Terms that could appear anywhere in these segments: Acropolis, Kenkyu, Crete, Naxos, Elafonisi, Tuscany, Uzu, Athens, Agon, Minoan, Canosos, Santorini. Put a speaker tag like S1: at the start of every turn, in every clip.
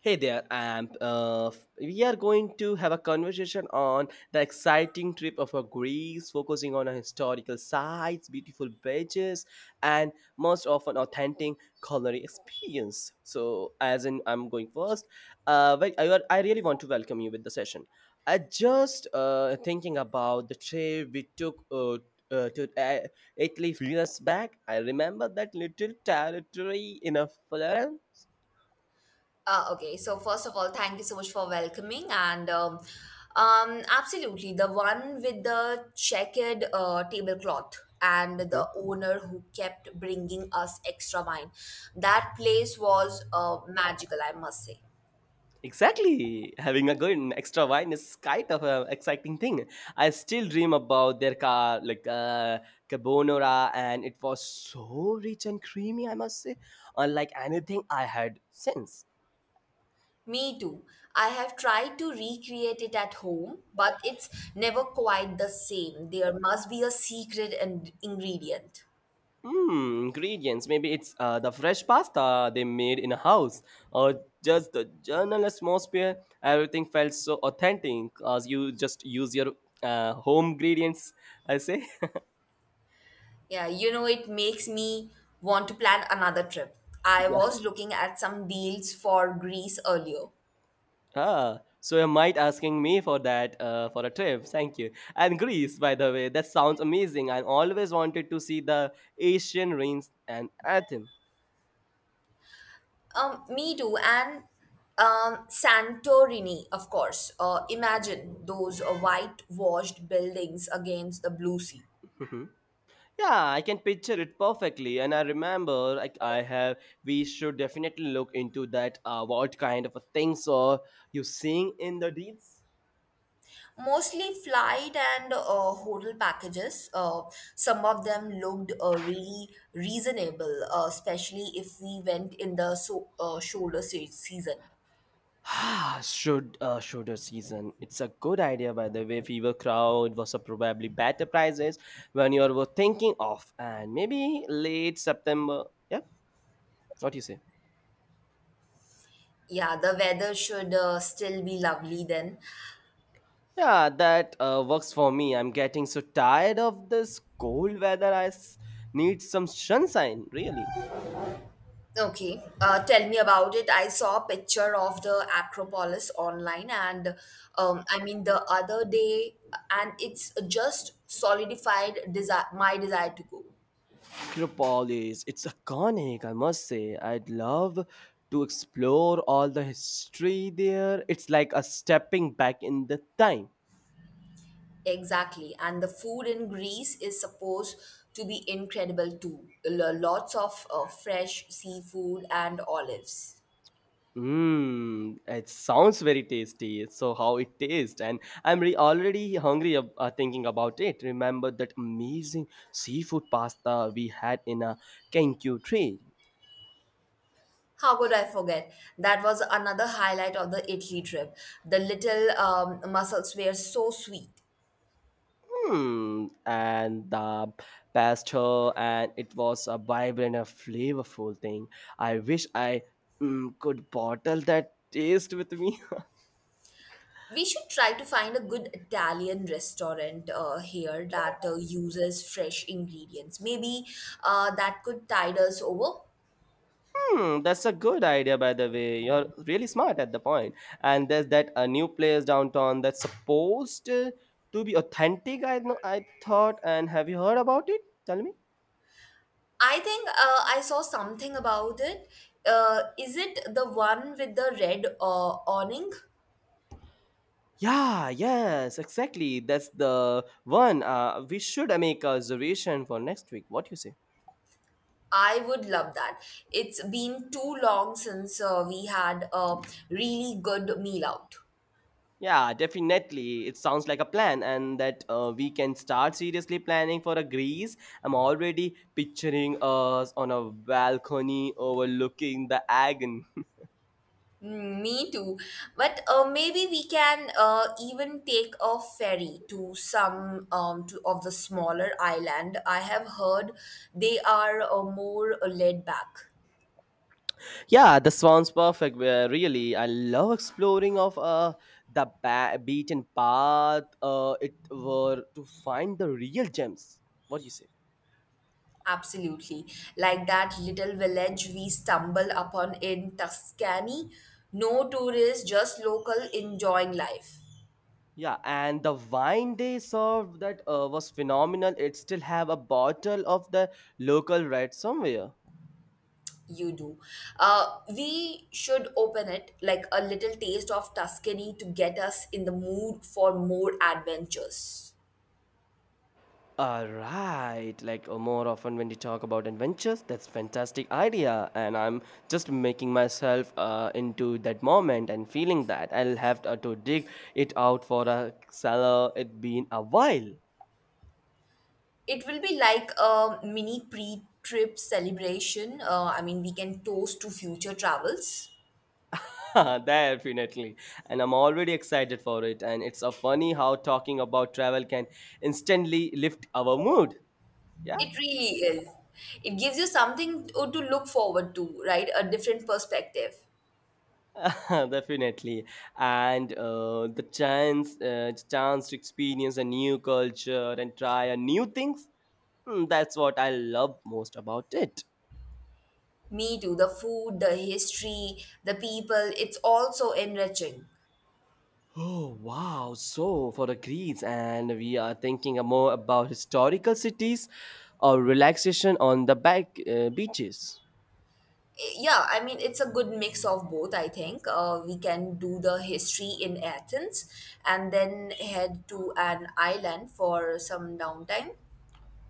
S1: Hey there, Amp. We are going to have a conversation on the exciting trip of Greece, focusing on historical sites, beautiful beaches, and most often authentic culinary experience. So, as in, I'm going first. I really want to welcome you with the session. I just thinking about the trip we took to Italy few years back. I remember that little territory in a Florence.
S2: Okay, first of all, thank you so much for welcoming, and absolutely the one with the checkered tablecloth and the owner who kept bringing us extra wine. That place was magical, I must say.
S1: Exactly. Having a good extra wine is kind of an exciting thing. I still dream about their car, like carbonara, and it was so rich and creamy, I must say, unlike anything I had since.
S2: Me too. I have tried to recreate it at home, but it's never quite the same. There must be a secret and ingredient.
S1: Ingredients. Maybe it's the fresh pasta they made in a house, or just the general atmosphere. Everything felt so authentic as you just use your home ingredients, I say.
S2: Yeah, it makes me want to plan another trip. I was looking at some deals for Greece earlier.
S1: Ah, so you might asking me for that for a trip. Thank you. And Greece, by the way, that sounds amazing. I always wanted to see the Asian ruins and Athens.
S2: Me too, and Santorini, of course. Imagine those whitewashed buildings against the blue sea.
S1: Mhm. Yeah, I can picture it perfectly, and I remember like I have. We should definitely look into that. What kind of a things are you seeing in the deeds?
S2: Mostly flight and hotel packages. Some of them looked really reasonable, especially if we went in the so, season.
S1: Ah, shoulder season. It's a good idea, by the way. Fever crowd was a probably better prices when you were thinking of, and maybe late September. Yeah, what do you say?
S2: Yeah, the weather should still be lovely then.
S1: Yeah, that works for me. I'm getting so tired of this cold weather. Need some sunshine, really.
S2: Okay, tell me about it. I saw a picture of the Acropolis online, and I mean the other day, and it's just solidified desire, my desire to go.
S1: Acropolis, it's iconic, I must say. I'd love to explore all the history there. It's like a stepping back in the time.
S2: Exactly, and the food in Greece is supposed to be incredible too. Lots of fresh seafood and olives.
S1: Mmm, it sounds very tasty. So how it tastes, and I'm really already hungry thinking about it. Remember that amazing seafood pasta we had in a Kenkyu tree.
S2: How could I forget? That was another highlight of the Italy trip. The little mussels were so sweet.
S1: And the pasta, and it was a vibrant and flavorful thing. I wish I could bottle that taste with me.
S2: We should try to find a good Italian restaurant here that uses fresh ingredients. Maybe that could tide us over.
S1: Hmm, that's a good idea, by the way. You're really smart at the point. And there's that a new place downtown that's supposed to be authentic. I know, I thought. And have you heard about it? Tell me.
S2: I think I saw something about it. Is it the one with the red awning?
S1: Yeah, yes, exactly. That's the one. We should make a reservation for next week. What you say?
S2: I would love that. It's been too long since we had a really good meal out.
S1: Yeah, definitely. It sounds like a plan, and that we can start seriously planning for a Greece. I'm already picturing us on a balcony overlooking the Agon.
S2: Mm, me too. But maybe we can even take a ferry to some of the smaller island. I have heard they are more laid back.
S1: Yeah, the sounds perfect. Where really, I love exploring of beaten path. It were to find the real gems. What do you say?
S2: Absolutely. Like that little village we stumbled upon in Tuscany. No tourists, just local enjoying life.
S1: Yeah, and the wine they served that was phenomenal. It still have a bottle of the local red somewhere.
S2: You do. We should open it like a little taste of Tuscany to get us in the mood for more adventures.
S1: All right, like more often when we talk about adventures, that's fantastic idea, and I'm just making myself into that moment and feeling that I'll have to dig it out for a seller. It been a while.
S2: It will be like a mini pre-trip celebration. I mean, we can toast to future travels.
S1: Definitely, and I'm already excited for it. And it's a funny how talking about travel can instantly lift our mood. Yeah.
S2: It really is. It gives you something to look forward to, right? A different perspective.
S1: Definitely, and the chance to experience a new culture and try a new things. That's what I love most about it.
S2: Me too. The food, the history, the people, it's also enriching.
S1: Oh wow! So for the Greece, and we are thinking more about historical cities or relaxation on the back beaches.
S2: Yeah, I mean, it's a good mix of both, I think. We can do the history in Athens and then head to an island for some downtime.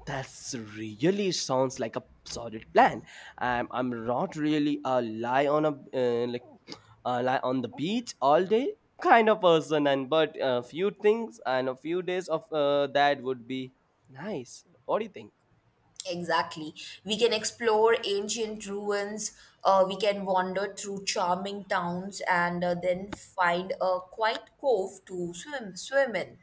S1: That's really sounds like a solid plan. I'm not really a lie on a like a lie on the beach all day kind of person, and but a few things and a few days of that would be nice. What do you think?
S2: Exactly. We can explore ancient ruins, we can wander through charming towns and then find a quiet cove to swim in.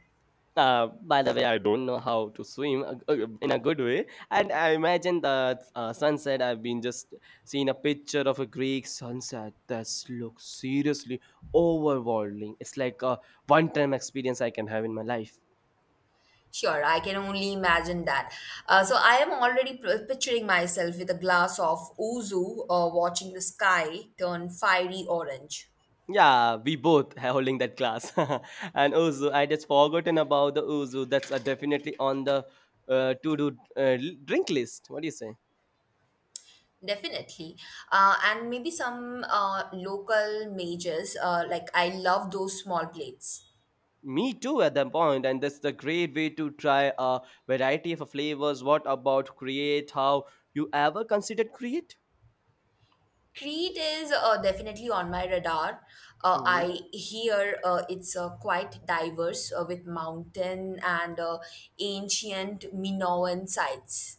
S1: By the way, I don't know how to swim in a good way, and I imagine the sunset. I've been just seeing a picture of a Greek sunset that looks seriously overwhelming. It's like a one-time experience I can have in my life.
S2: Sure, I can only imagine that. So I am already picturing myself with a glass of ouzo, watching the sky turn fiery orange.
S1: Yeah, we both are holding that glass, and Uzu. I just forgotten about the Uzu. That's definitely on the to do drink list. What do you say?
S2: Definitely. And maybe some local mages, like I love those small plates.
S1: Me too at that point, and that's the great way to try a variety of flavors. What about create? How you ever considered create?
S2: Crete is definitely on my radar.
S1: Hmm.
S2: I hear it's quite diverse with mountain and ancient Minoan sites.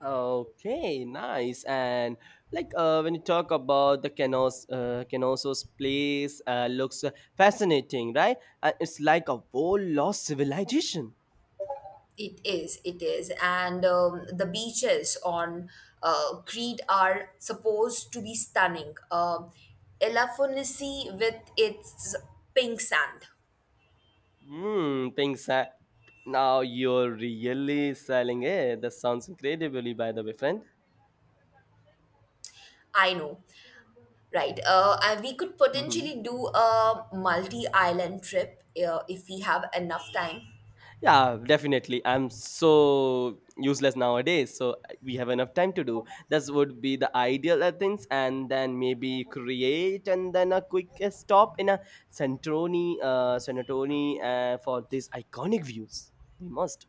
S1: Okay, nice. And like when you talk about the Canosos place, looks fascinating, right? And it's like a whole lost civilization.
S2: It is, it is. And the beaches on Crete are supposed to be stunning. Elafonisi with its pink sand.
S1: Hmm, things that now you're really selling it. That sounds incredibly, by the way, friend.
S2: I know, right? And we could potentially do a multi island trip if we have enough time.
S1: Yeah, definitely. I'm so useless nowadays. So we have enough time to do. This would be the ideal things, and then maybe create and then a quick stop in a Sanatoni for these iconic views. We must.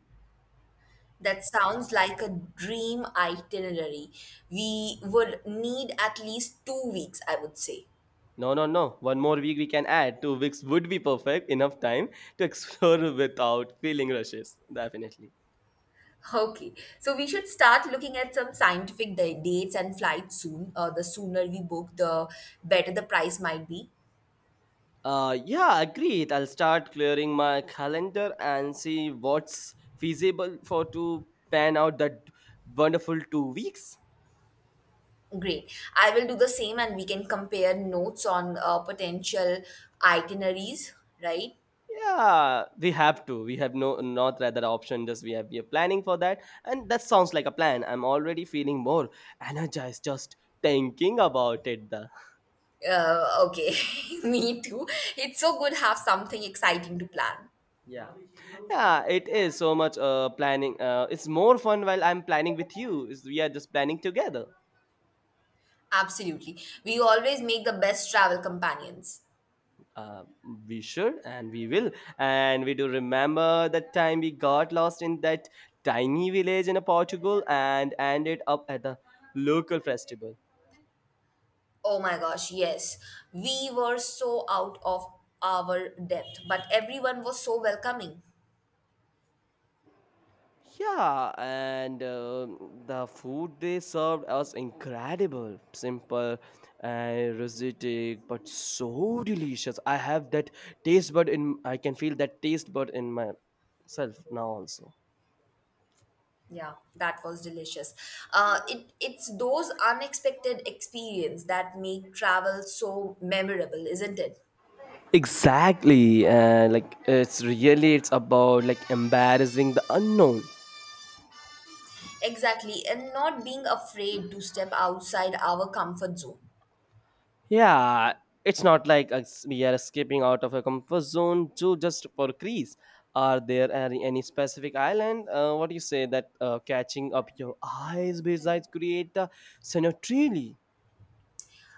S2: That sounds like a dream itinerary. We would need at least 2 weeks, I would say.
S1: No, no, no. One more week we can add. 2 weeks would be perfect. Enough time to explore without feeling rushes. Definitely.
S2: Okay, so we should start looking at some dates and flights soon. The sooner we book, the better the price might be.
S1: Yeah, agreed. I'll start clearing my calendar and see what's feasible for to pan out that wonderful 2 weeks.
S2: Great. I will do the same and we can compare notes on potential itineraries, right?
S1: Yeah, we have to. We have no not rather option. Just we are planning for that, and that sounds like a plan. I'm already feeling more energized just thinking about it. The
S2: Uh, okay, me too. It's so good have something exciting to plan.
S1: yeah, yeah, it is so much planning. It's more fun while I'm planning with you. Is we are just planning together.
S2: Absolutely. We always make the best travel companions.
S1: Uh, we should and we will. And we do remember that time we got lost in that tiny village in Portugal and ended up at the local festival.
S2: Oh my gosh, yes. We were so out of our depth, but everyone was so welcoming.
S1: Yeah, and the food they served was incredible, simple and rustic, but so delicious. I have that taste bud in. I can feel that taste bud in myself now also.
S2: Yeah, that was delicious. It's those unexpected experience that make travel so memorable, isn't it?
S1: Exactly, and like it's really it's about like embarrassing the unknown.
S2: Exactly, and not being afraid to step outside our comfort zone.
S1: Yeah, it's not like we are escaping out of a comfort zone to just for Greece. Are there any specific island? What do you say that catching up your eyes besides create the scenario?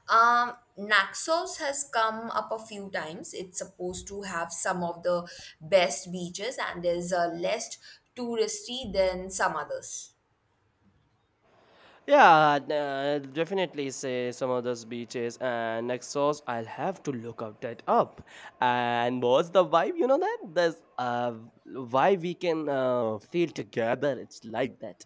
S2: Naxos has come up a few times. It's supposed to have some of the best beaches, and is less touristy than some others.
S1: Yeah, definitely say some of those beaches and Naxos. I'll have to look out that up. And what's the vibe? You know that there's why we can feel together. It's like that.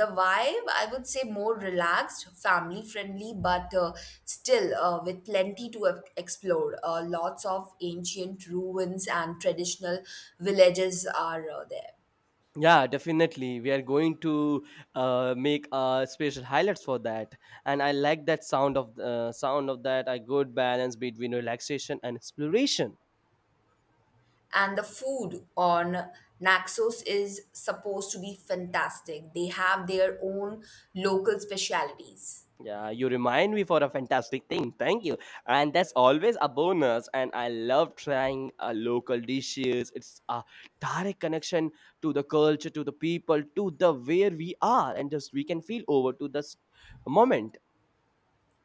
S2: The vibe I would say more relaxed family friendly but still with plenty to explore, lots of ancient ruins and traditional villages are there.
S1: Yeah, definitely. We are going to make special highlights for that. And I like that sound of that. A good balance between relaxation and exploration.
S2: And the food on Naxos is supposed to be fantastic. They have their own local specialities.
S1: Yeah, you remind me for a fantastic thing. Thank you. And that's always a bonus. And I love trying local dishes. It's a direct connection to the culture, to the people, to the where we are, and just we can feel over to this moment.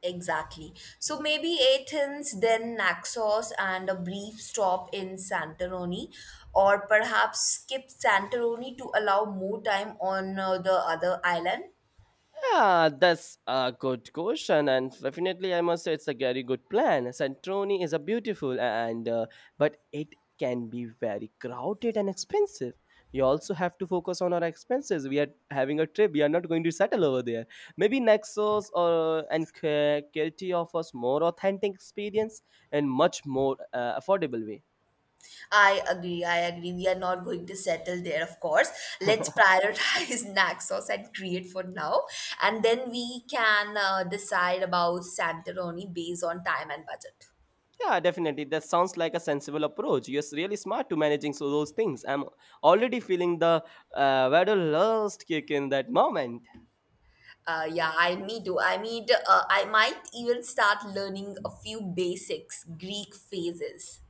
S2: Exactly. So maybe Athens, then Naxos, and a brief stop in Santorini, or perhaps skip Santorini to allow more time on the other island.
S1: Yeah, that's a good question, and definitely I must say it's a very good plan. Santorini is a beautiful and but it can be very crowded and expensive. We also have to focus on our expenses. We are having a trip. We are not going to settle over there. Maybe Naxos or and Kirti offers more authentic experience and much more affordable way.
S2: I agree. I agree. We are not going to settle there, of course. Let's prioritize Naxos and Crete for now, and then we can decide about Santorini based on time and budget.
S1: Yeah, definitely. That sounds like a sensible approach. You're really smart to managing so those things. I'm already feeling the wanderlust kick in that moment.
S2: Yeah, I me too. I mean, I might even start learning a few basics, Greek phrases.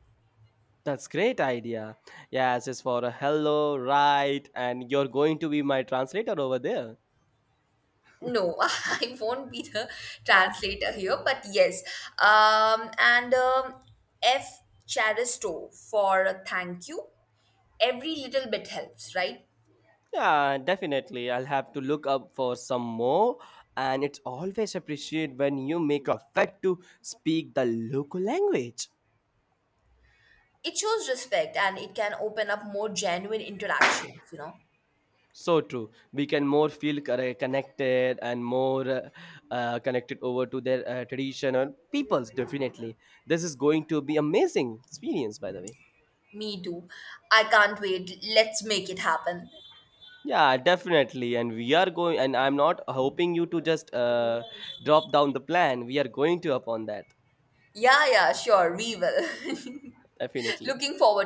S1: That's great idea. Yeah, just for a hello, right? And you're going to be my translator over there.
S2: No, I won't be the translator here, but yes. And F. Charisto for a thank you. Every little bit helps, right?
S1: Yeah, definitely. I'll have to look up for some more. And it's always appreciated when you make a effort to speak the local language.
S2: It shows respect and it can open up more genuine interactions, you know.
S1: So true. We can more feel connected and more connected over to their tradition and peoples. Definitely, this is going to be amazing experience. By the way,
S2: Me too. I can't wait. Let's make it happen.
S1: yeah, definitely. And we are going. And I'm not hoping you to just drop down the plan. We are going to upon that.
S2: Yeah, yeah, sure, we will.
S1: Definitely.
S2: Looking forward.